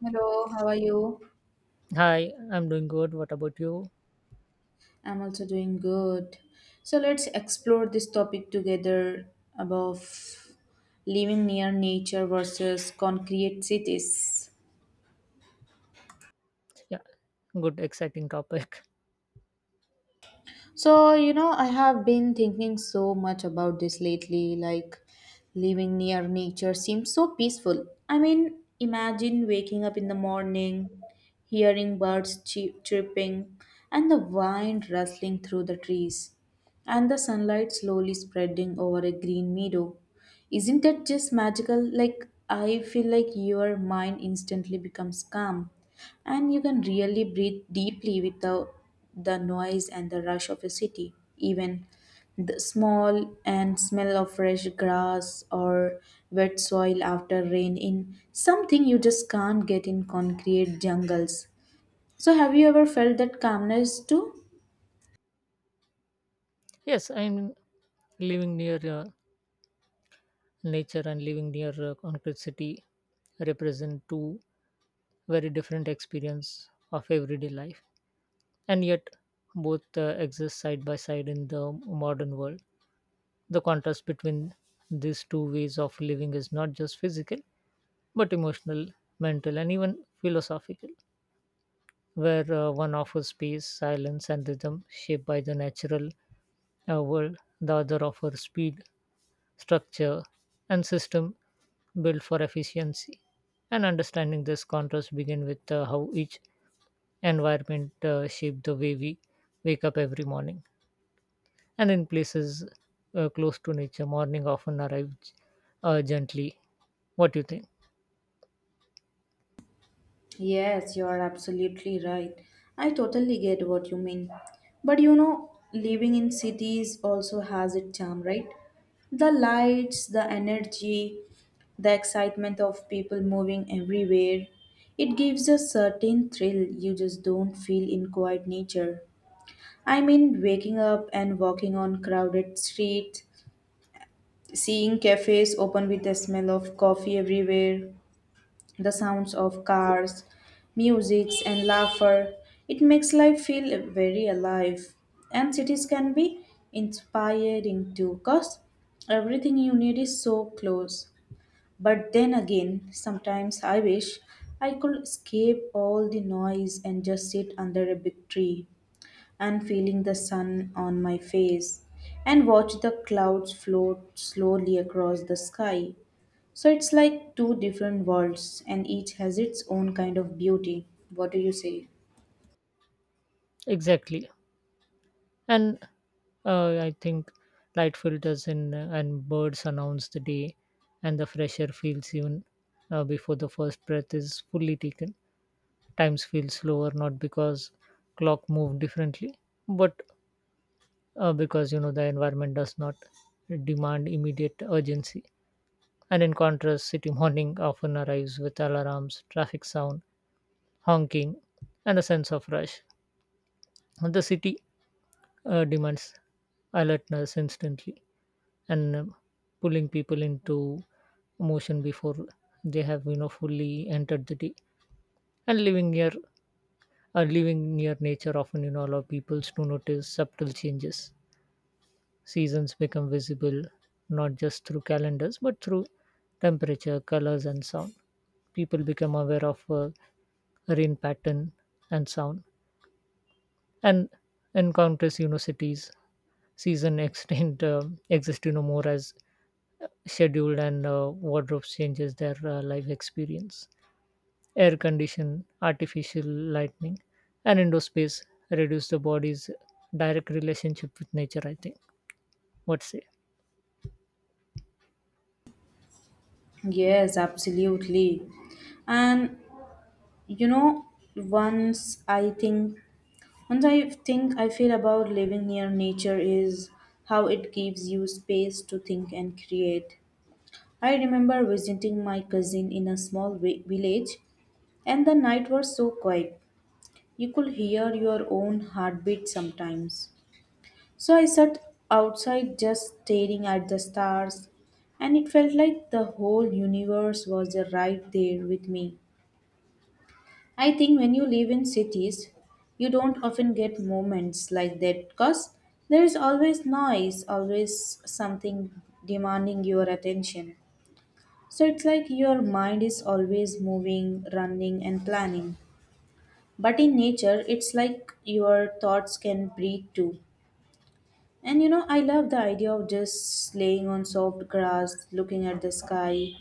Hello, how are you? Hi, I'm doing good. What about you? I'm also doing good. So let's explore this topic together above living near nature versus concrete cities. Yeah, good, exciting topic. So, you know, I have been thinking so much about this lately. Like, living near nature seems so peaceful. I mean, imagine waking up in the morning, hearing birds chirping, and the wind rustling through the trees, and the sunlight slowly spreading over a green meadow. Isn't that just magical? Like, I feel like your mind instantly becomes calm and you can really breathe deeply without the noise and the rush of a city even the small and smell of fresh grass or wet soil after rain in something you just can't get in concrete jungles. So have you ever felt that calmness too? Yes, I'm living near nature and living near concrete city represent two very different experience of everyday life, and yet both exist side by side in the modern world. The contrast between these two ways of living is not just physical, but emotional, mental, and even philosophical. Where one offers space, silence, and rhythm shaped by the natural world, the other offers speed, structure, and system built for efficiency. And understanding this contrast begin with how each environment shaped the way we wake up every morning. And in places close to nature, morning often arrives gently. What do you think? Yes, you are absolutely right. I totally get what you mean. But you know, living in cities also has its charm, right? The lights, the energy, the excitement of people moving everywhere. It gives a certain thrill you just don't feel in quiet nature. I mean, waking up and walking on crowded streets, seeing cafes open with the smell of coffee everywhere, the sounds of cars, music, and laughter. It makes life feel very alive. And cities can be inspiring too, because everything you need is so close. But then again, sometimes I wish I could escape all the noise and just sit under a big tree and feeling the sun on my face and watch the clouds float slowly across the sky. So it's like two different worlds, and each has its own kind of beauty. What do you say? Exactly. And I think light filters in and birds announce the day, and the fresh air feels even before the first breath is fully taken. Times feel slower not because clock move differently, but because the environment does not demand immediate urgency. And in contrast, city morning often arrives with alarms, traffic sound, honking, and a sense of rush. The city demands alertness instantly and pulling people into motion before they have fully entered the day and living near nature often allow people to notice subtle changes seasons become visible not just through calendars but through temperature colors and sound people become aware of rain pattern and sound and in countless cities season extend exist more as scheduled and wardrobe changes their life experience. Air condition, artificial lighting, and indoor space reduce the body's direct relationship with nature, I think. What say? Yes, absolutely. And you know, once I think, once I think I feel about living near nature is how it gives you space to think and create. I remember visiting my cousin in a small village, and the night was so quiet. You could hear your own heartbeat sometimes. So I sat outside just staring at the stars, and it felt like the whole universe was right there with me. I think when you live in cities, you don't often get moments like that because there is always noise, always something demanding your attention. So it's like your mind is always moving, running, and planning. But in nature, it's like your thoughts can breathe too. And you know, I love the idea of just laying on soft grass, looking at the sky,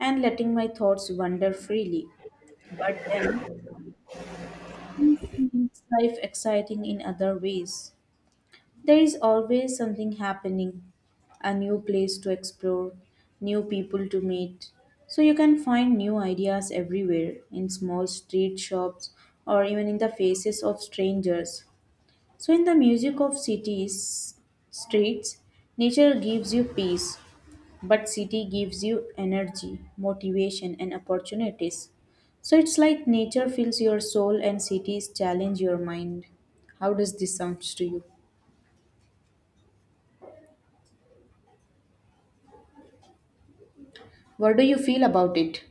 and letting my thoughts wander freely. But then, it's life exciting in other ways. There is always something happening, a new place to explore, new people to meet. So you can find new ideas everywhere in small street shops or even in the faces of strangers. So, in the music of cities, streets, nature gives you peace, but city gives you energy, motivation, and opportunities. So, it's like nature fills your soul and cities challenge your mind. How does this sound to you? What do you feel about it?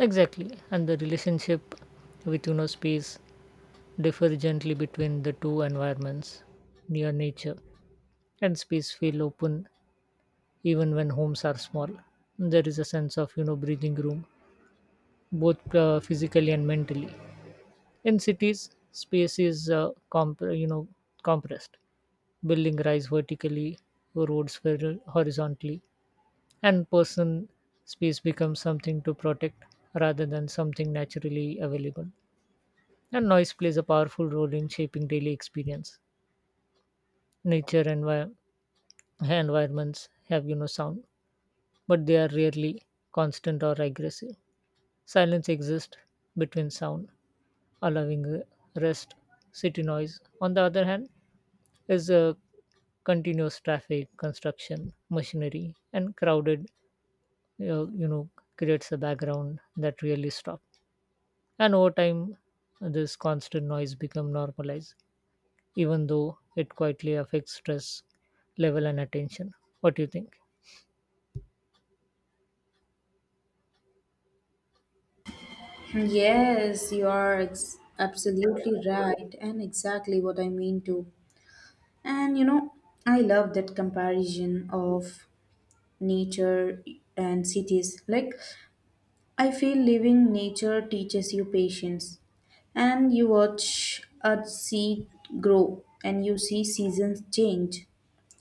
Exactly. And the relationship with indoor space differs gently between the two environments near nature and space feel open even when homes are small. There is a sense of breathing room both physically and mentally. In cities, space is compressed. Buildings rise vertically, roads horizontally, and person space becomes something to protect rather than something naturally available. And noise plays a powerful role in shaping daily experience. Nature and environments have sound, but they are rarely constant or aggressive. Silence exists between sound, allowing rest. City noise, on the other hand, is continuous traffic, construction, machinery, and crowded, uh, you know, creates a background that really stops. And over time, this constant noise become normalized, even though it quietly affects stress level and attention. What do you think? Yes, you are absolutely right, and exactly what I mean too. And you know, I love that comparison of nature and cities. Like, I feel living nature teaches you patience and you watch a seed grow and you see seasons change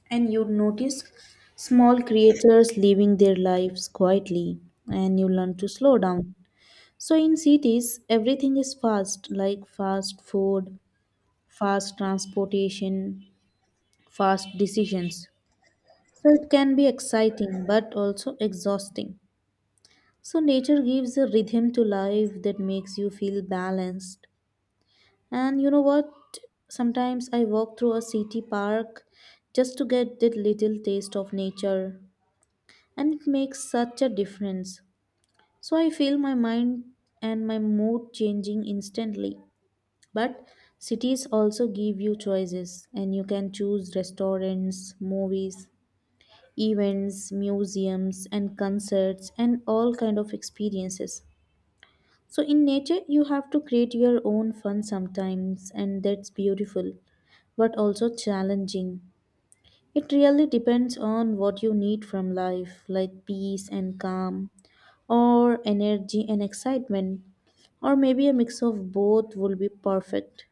and you notice small creatures living their lives quietly and you learn to slow down. So in cities everything is fast like fast food, fast transportation, fast decisions. So it can be exciting but also exhausting. So, nature gives a rhythm to life that makes you feel balanced. And you know what? Sometimes I walk through a city park just to get that little taste of nature, and it makes such a difference. So, I feel my mind and my mood changing instantly. But cities also give you choices, and you can choose restaurants, movies, events, museums, and concerts, and all kind of experiences. So in nature, you have to create your own fun sometimes, and that's beautiful, but also challenging. It really depends on what you need from life, like peace and calm, or energy and excitement, or maybe a mix of both will be perfect.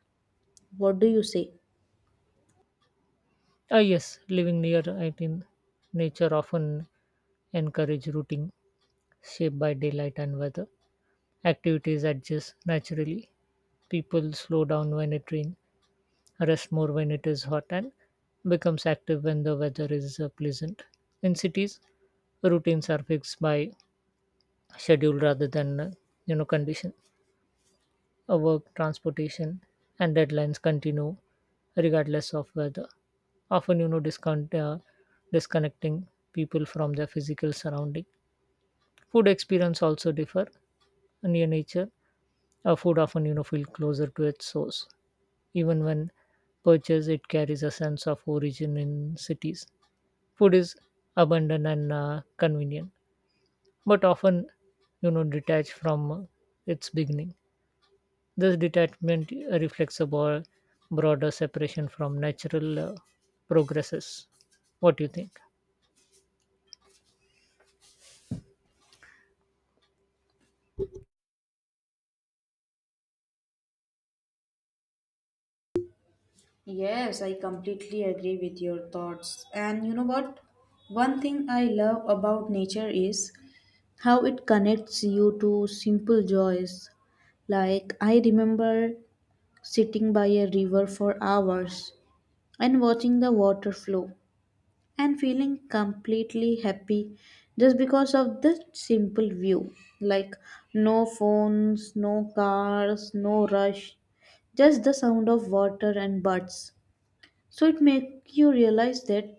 What do you say? Ah, yes, living near I think nature often encourage routing shaped by daylight and weather. Activities adjust naturally. People slow down when it rains rests more when it is hot, and becomes active when the weather is pleasant. In cities, routines are fixed by schedule rather than condition. Work, transportation, and deadlines continue regardless of weather. Often, discount, disconnecting people from their physical surrounding. Food experience also differ near nature. Food often, feel closer to its source, even when purchased. It carries a sense of origin in cities. Food is abundant and convenient, but often, detached from its beginning. This detachment reflects a broader separation from natural progresses. What do you think? Yes, I completely agree with your thoughts. And you know what? One thing I love about nature is how it connects you to simple joys. Like, I remember sitting by a river for hours and watching the water flow and feeling completely happy just because of this simple view. Like, no phones, no cars, no rush, just the sound of water and birds. So, it makes you realize that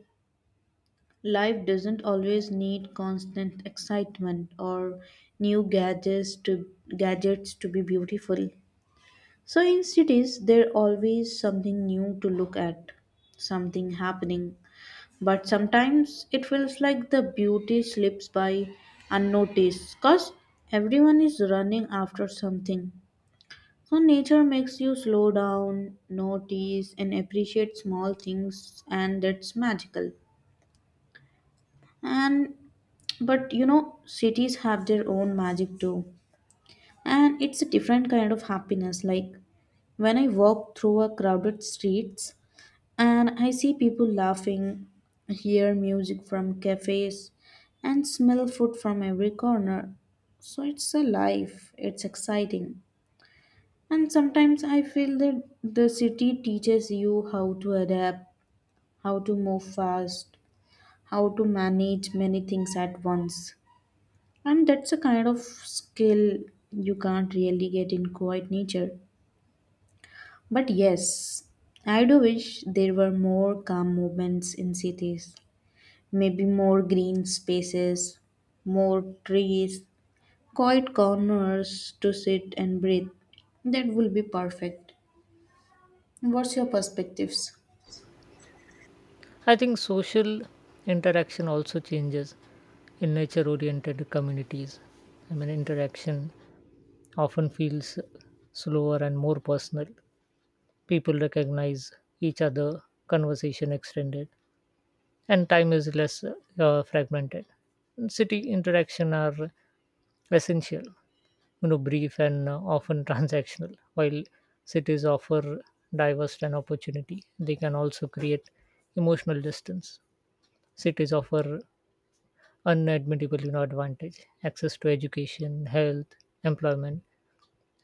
life doesn't always need constant excitement or new gadgets to gadgets to be beautiful. So in cities there always something new to look at, something happening. But sometimes it feels like the beauty slips by unnoticed cause everyone is running after something. So nature makes you slow down, notice and appreciate small things and that's magical. And but you know, cities have their own magic too. And it's a different kind of happiness. Like when I walk through a crowded streets and I see people laughing, hear music from cafes, and smell food from every corner. So it's a life, it's exciting. And sometimes I feel that the city teaches you how to adapt, how to move fast, how to manage many things at once. And that's a kind of skill you can't really get in quiet nature. But yes, I do wish there were more calm movements in cities. Maybe more green spaces, more trees, quiet corners to sit and breathe. That will be perfect. What's your perspectives? I think social interaction also changes in nature-oriented communities. I mean, interaction often feels slower and more personal. People recognize each other, conversation extended, and time is less fragmented. City interaction are essential, brief and often transactional. While cities offer diverse and opportunity, they can also create emotional distance. Cities offer unadmittable, advantage, access to education, health, employment,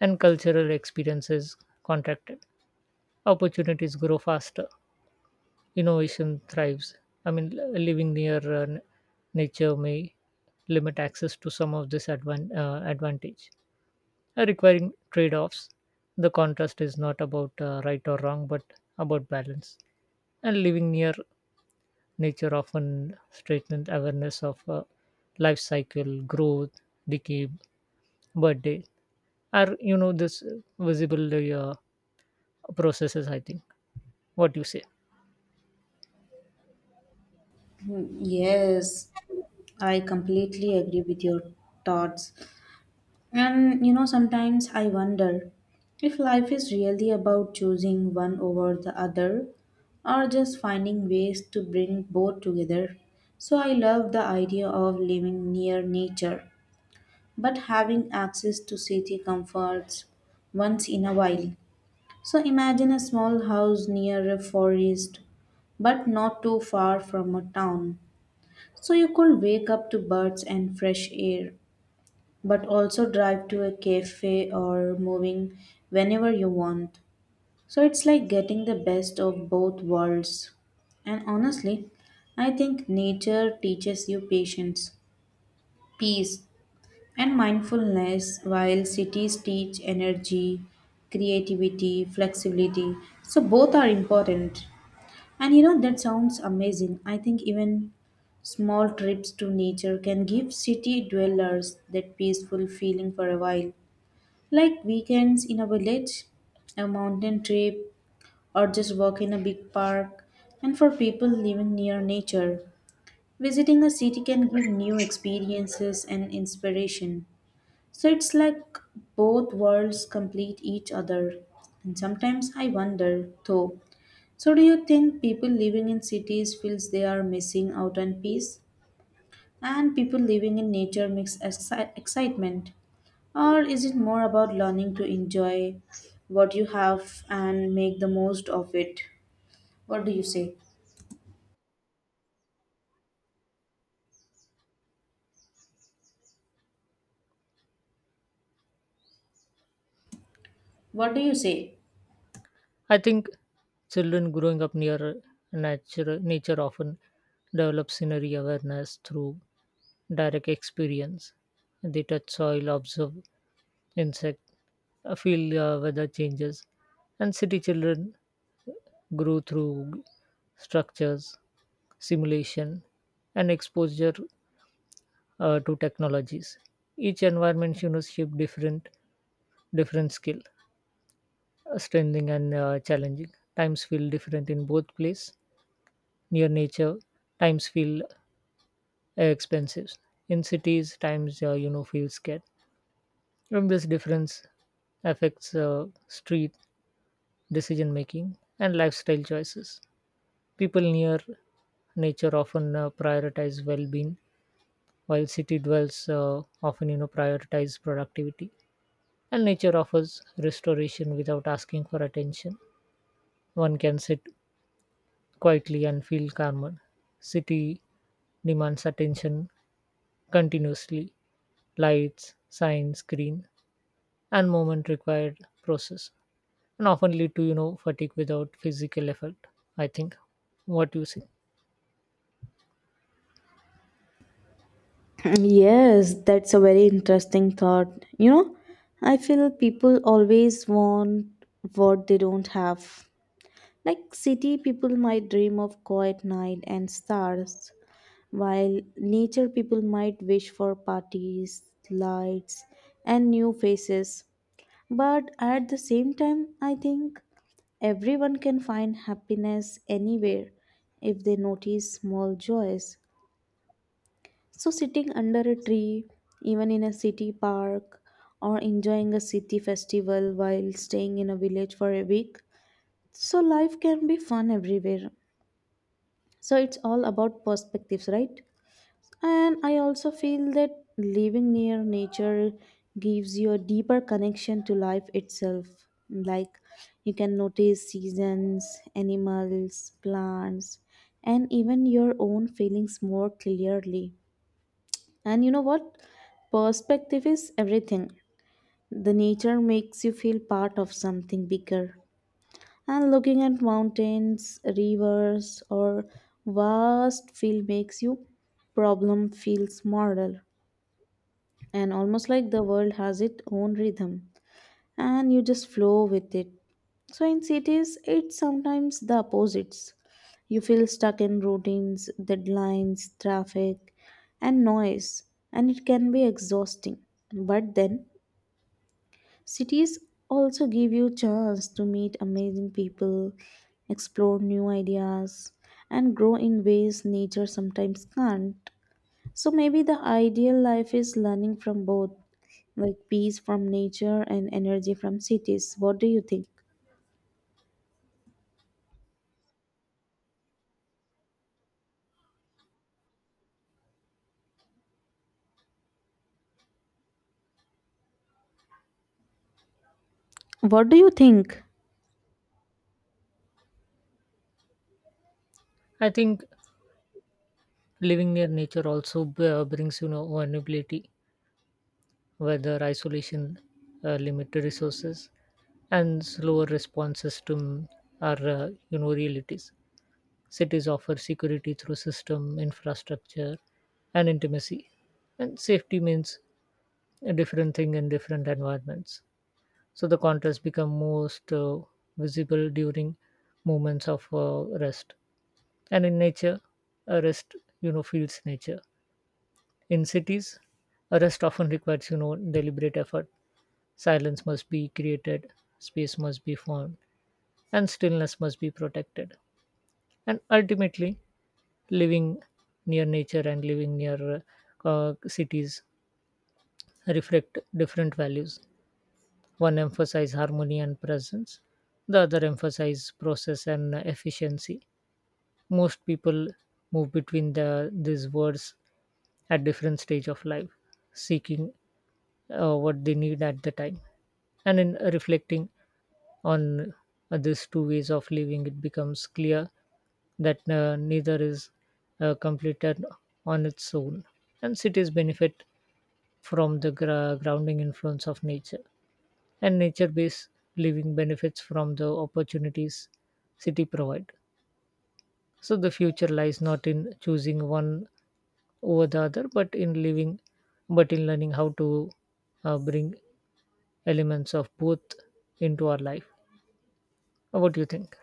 and cultural experiences contracted. Opportunities grow faster innovation thrives. I mean, living near nature may limit access to some of this advantage, requiring trade-offs. The contrast is not about right or wrong, but about balance. And living near nature often strengthens awareness of life cycle, growth, decay, birthday, are this visible processes. I think. What do you say? Yes, I completely agree with your thoughts. And you know, sometimes I wonder if life is really about choosing one over the other or just finding ways to bring both together. So I love the idea of living near nature but having access to city comforts once in a while. So imagine a small house near a forest but not too far from a town. So you could wake up to birds and fresh air but also drive to a cafe or moving whenever you want. So it's like getting the best of both worlds. And honestly, I think nature teaches you patience, peace, and mindfulness while cities teach energy, creativity, flexibility. So both are important. And you know that sounds amazing. I think even small trips to nature can give city dwellers that peaceful feeling for a while. Like weekends in a village, a mountain trip, or just walk in a big park. And for people living near nature, visiting a city can give new experiences and inspiration. So it's like both worlds complete each other. And sometimes I wonder, though, so do you think people living in cities feels they are missing out on peace? And people living in nature makes excitement. Or is it more about learning to enjoy what you have and make the most of it? What do you say? What do you say? I think children growing up near nature often develop scenery awareness through direct experience. They touch soil, observe insects, feel weather changes, and city children grow through structures, simulation, and exposure to technologies. Each environment, shape different skill, strengthening and challenging. Times feel different in both place near nature times feel expensive in cities times feel scared and this difference affects street decision making and lifestyle choices people near nature often prioritize well-being while city dwellers often prioritize productivity and nature offers restoration without asking for attention one can sit quietly and feel calmer city demands attention continuously lights, sign, screen, and movement required process, and often lead to fatigue without physical effort. I think what you say. Yes, that's a very interesting thought. You know, I feel people always want what they don't have. Like city people might dream of quiet night and stars, while nature people might wish for parties, lights, and new faces. But at the same time, I think everyone can find happiness anywhere if they notice small joys. So, sitting under a tree, even in a city park, or enjoying a city festival while staying in a village for a week. So, life can be fun everywhere. So, it's all about perspectives, right? And I also feel that living near nature gives you a deeper connection to life itself. Like you can notice seasons, animals, plants, and even your own feelings more clearly. And you know what? Perspective is everything. The nature makes you feel part of something bigger. And looking at mountains, rivers, or vast field makes you problem feel smaller and almost like the world has its own rhythm and you just flow with it. So in cities, it's sometimes the opposites. You feel stuck in routines, deadlines, traffic, and noise, and it can be exhausting. But then, cities also give you chance to meet amazing people, explore new ideas, and grow in ways nature sometimes can't. So maybe the ideal life is learning from both, like peace from nature and energy from cities. What do you think? I think living near nature also brings vulnerability, whether isolation, limited resources, and slower responses to our realities. Cities offer security through system, infrastructure, and intimacy, and safety means a different thing in different environments. So the contrast become most visible during moments of rest and in nature a rest feels nature in cities a rest often requires deliberate effort silence must be created space must be formed, and stillness must be protected and ultimately living near nature and living near cities reflect different values. One emphasizes harmony and presence, the other emphasizes process and efficiency. Most people move between these words at different stage of life, seeking what they need at the time. And in reflecting on these two ways of living, it becomes clear that neither is completed on its own, and cities benefit from the grounding influence of nature and nature-based living benefits from the opportunities city provide so the future lies not in choosing one over the other but in learning how to bring elements of both into our life. What do you think?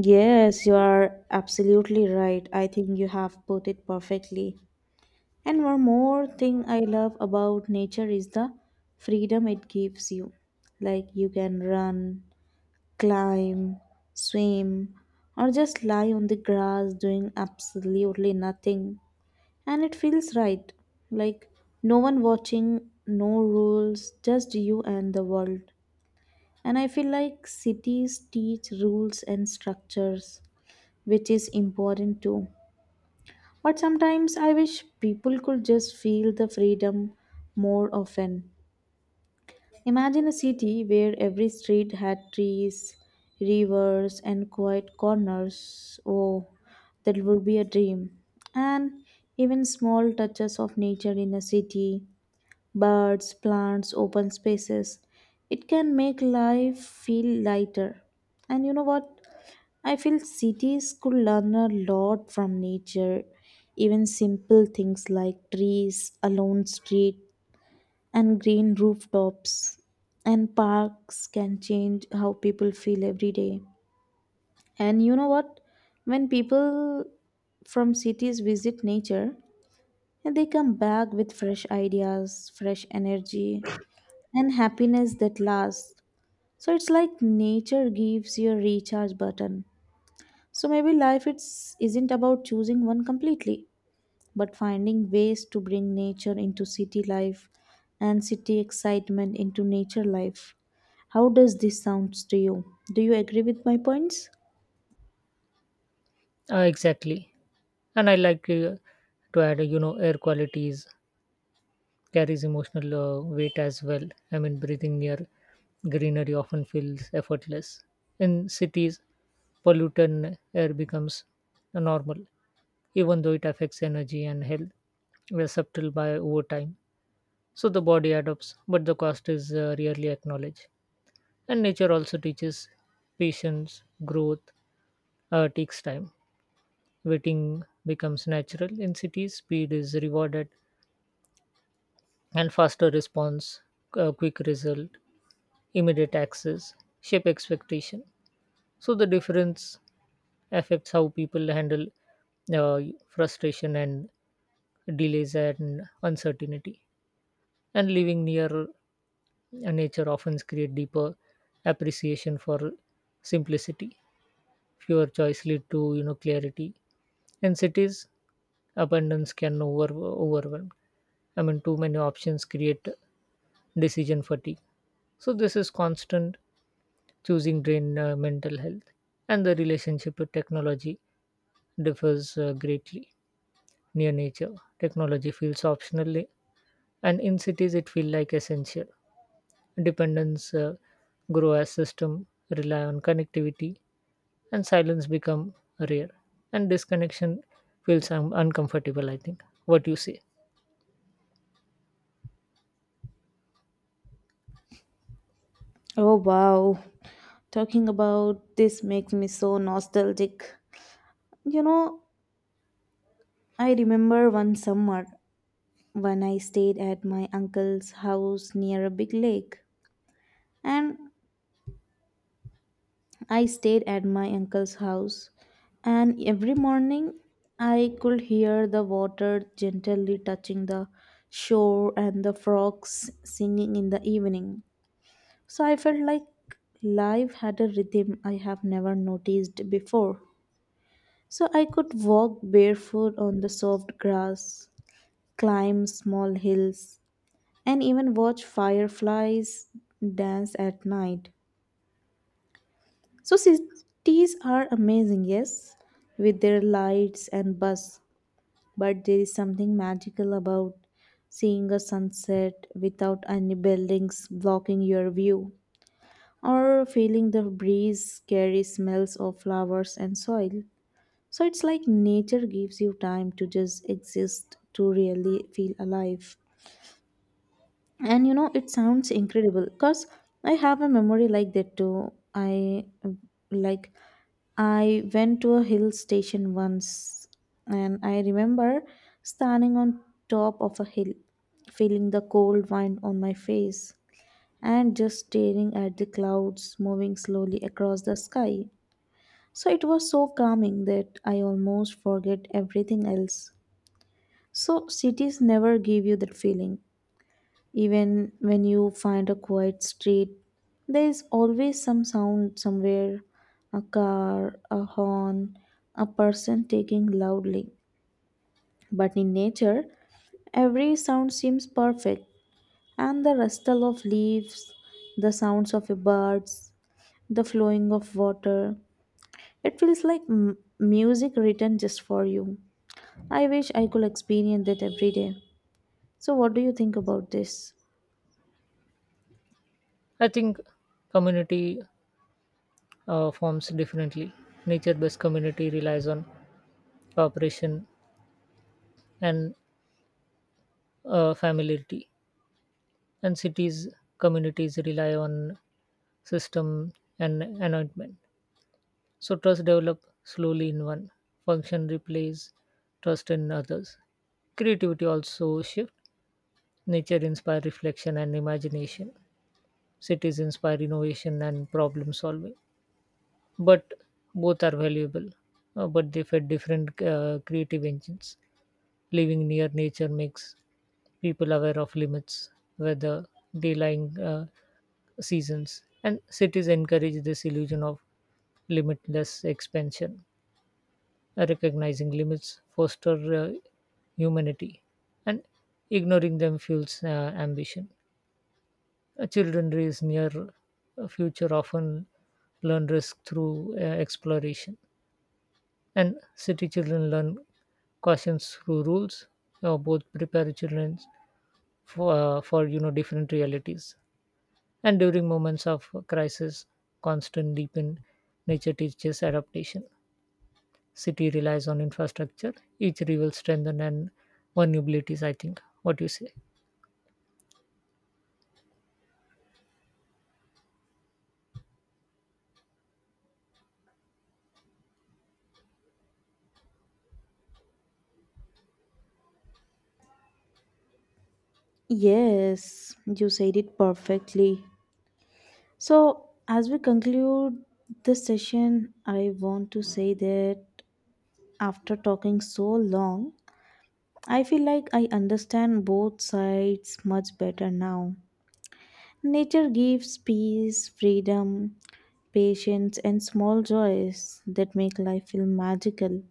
Yes, you are absolutely right. I think you have put it perfectly. And one more thing I love about nature is the freedom it gives you. Like you can run, climb, swim, or just lie on the grass doing absolutely nothing. And it feels right. Like no one watching, no rules, just you and the world. And I feel like cities teach rules and structures, which is important too. But sometimes I wish people could just feel the freedom more often. Imagine a city where every street had trees, rivers, and quiet corners. Oh, that would be a dream. And even small touches of nature in a city birds, plants, open spaces. It can make life feel lighter. And you know what? I feel cities could learn a lot from nature. Even simple things like trees, a lone street, and green rooftops and parks can change how people feel every day. And you know what? When people from cities visit nature, they come back with fresh ideas, fresh energy, and happiness that lasts. So it's like nature gives you a recharge button. So maybe life it's isn't about choosing one completely, but finding ways to bring nature into city life and city excitement into nature life. How does this sounds to you? Do you agree with my points? Exactly and I like to add air qualities carries emotional weight as well. I mean, breathing near greenery often feels effortless. In cities, pollutant air becomes normal, even though it affects energy and health. We are subtle by over time. So the body adopts, but the cost is rarely acknowledged. And nature also teaches patience, growth takes time. Waiting becomes natural. In cities, speed is rewarded, and faster response, quick result immediate access shape expectation so the difference affects how people handle uh, frustration and delays and uncertainty and living near nature often create deeper appreciation for simplicity fewer choice lead to clarity in cities abundance can overwhelm. I mean too many options create decision fatigue so this is constant choosing drain mental health and the relationship with technology differs greatly near nature technology feels optional and in cities it feels like essential dependence grow as system rely on connectivity and silence become rare and disconnection feels uncomfortable. I think what you say. Oh wow. Talking about this makes me so nostalgic. You know, I remember one summer when I stayed at my uncle's house near a big lake. And I stayed at my uncle's house, and every morning I could hear the water gently touching the shore and the frogs singing in the evening. So I felt like life had a rhythm I have never noticed before. So I could walk barefoot on the soft grass, climb small hills, and even watch fireflies dance at night. So cities are amazing, yes, with their lights and buzz, but there is something magical about seeing a sunset without any buildings blocking your view or feeling the breeze carry smells of flowers and soil. So it's like nature gives you time to just exist to really feel alive. And you know, it sounds incredible because I have a memory like that too. I like, I went to a hill station once, and I remember standing on top of a hill, feeling the cold wind on my face and just staring at the clouds moving slowly across the sky. So it was so calming that I almost forget everything else. So cities never give you that feeling. Even when you find a quiet street, there is always some sound somewhere, a car, a horn, a person taking loudly. But in nature, every sound seems perfect, and the rustle of leaves, the sounds of birds, the flowing of water. It feels like music written just for you. I wish I could experience that every day. So, what do you think about this? I think community forms differently nature based community relies on cooperation and familiarity and cities communities rely on system and anointment so trust develop slowly in one function replace trust in others creativity also shift nature inspire reflection and imagination cities inspire innovation and problem solving but both are valuable but they fit different creative engines. Living near nature makes people aware of limits, weather, delaying seasons, and cities encourage this illusion of limitless expansion. Recognizing limits foster humanity, and ignoring them fuels ambition. Children raised near a future often learn risk through exploration, and city children learn cautions through rules. Both prepare children for different realities and during moments of crisis constant deepen nature teaches adaptation city relies on infrastructure each rival strengthen and vulnerabilities. I think what do you say. Yes, you said it perfectly. So, as we conclude this session, I want to say that after talking so long, I feel like I understand both sides much better now. Nature gives peace, freedom, patience, and small joys that make life feel magical,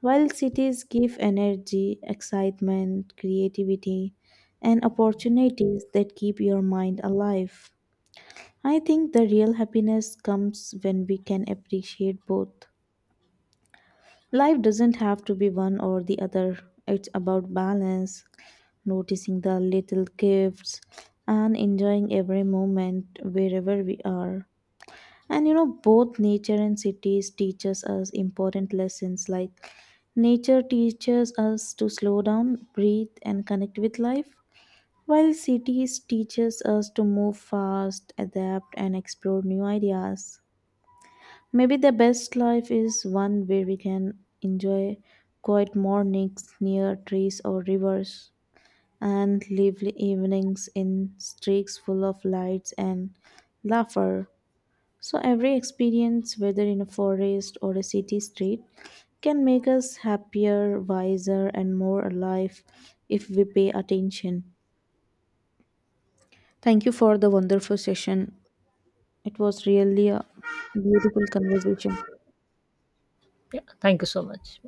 while cities give energy, excitement, creativity, and opportunities that keep your mind alive. I think the real happiness comes when we can appreciate both. Life doesn't have to be one or the other, it's about balance, noticing the little gifts, and enjoying every moment wherever we are. And you know, both nature and cities teaches us important lessons like nature teaches us to slow down, breathe, and connect with life, while cities teaches us to move fast, adapt, and explore new ideas. Maybe the best life is one where we can enjoy quiet mornings near trees or rivers and lively evenings in streets full of lights and laughter. So, every experience, whether in a forest or a city street, can make us happier, wiser, and more alive if we pay attention. Thank you for the wonderful session. It was really a beautiful conversation. Yeah, thank you so much.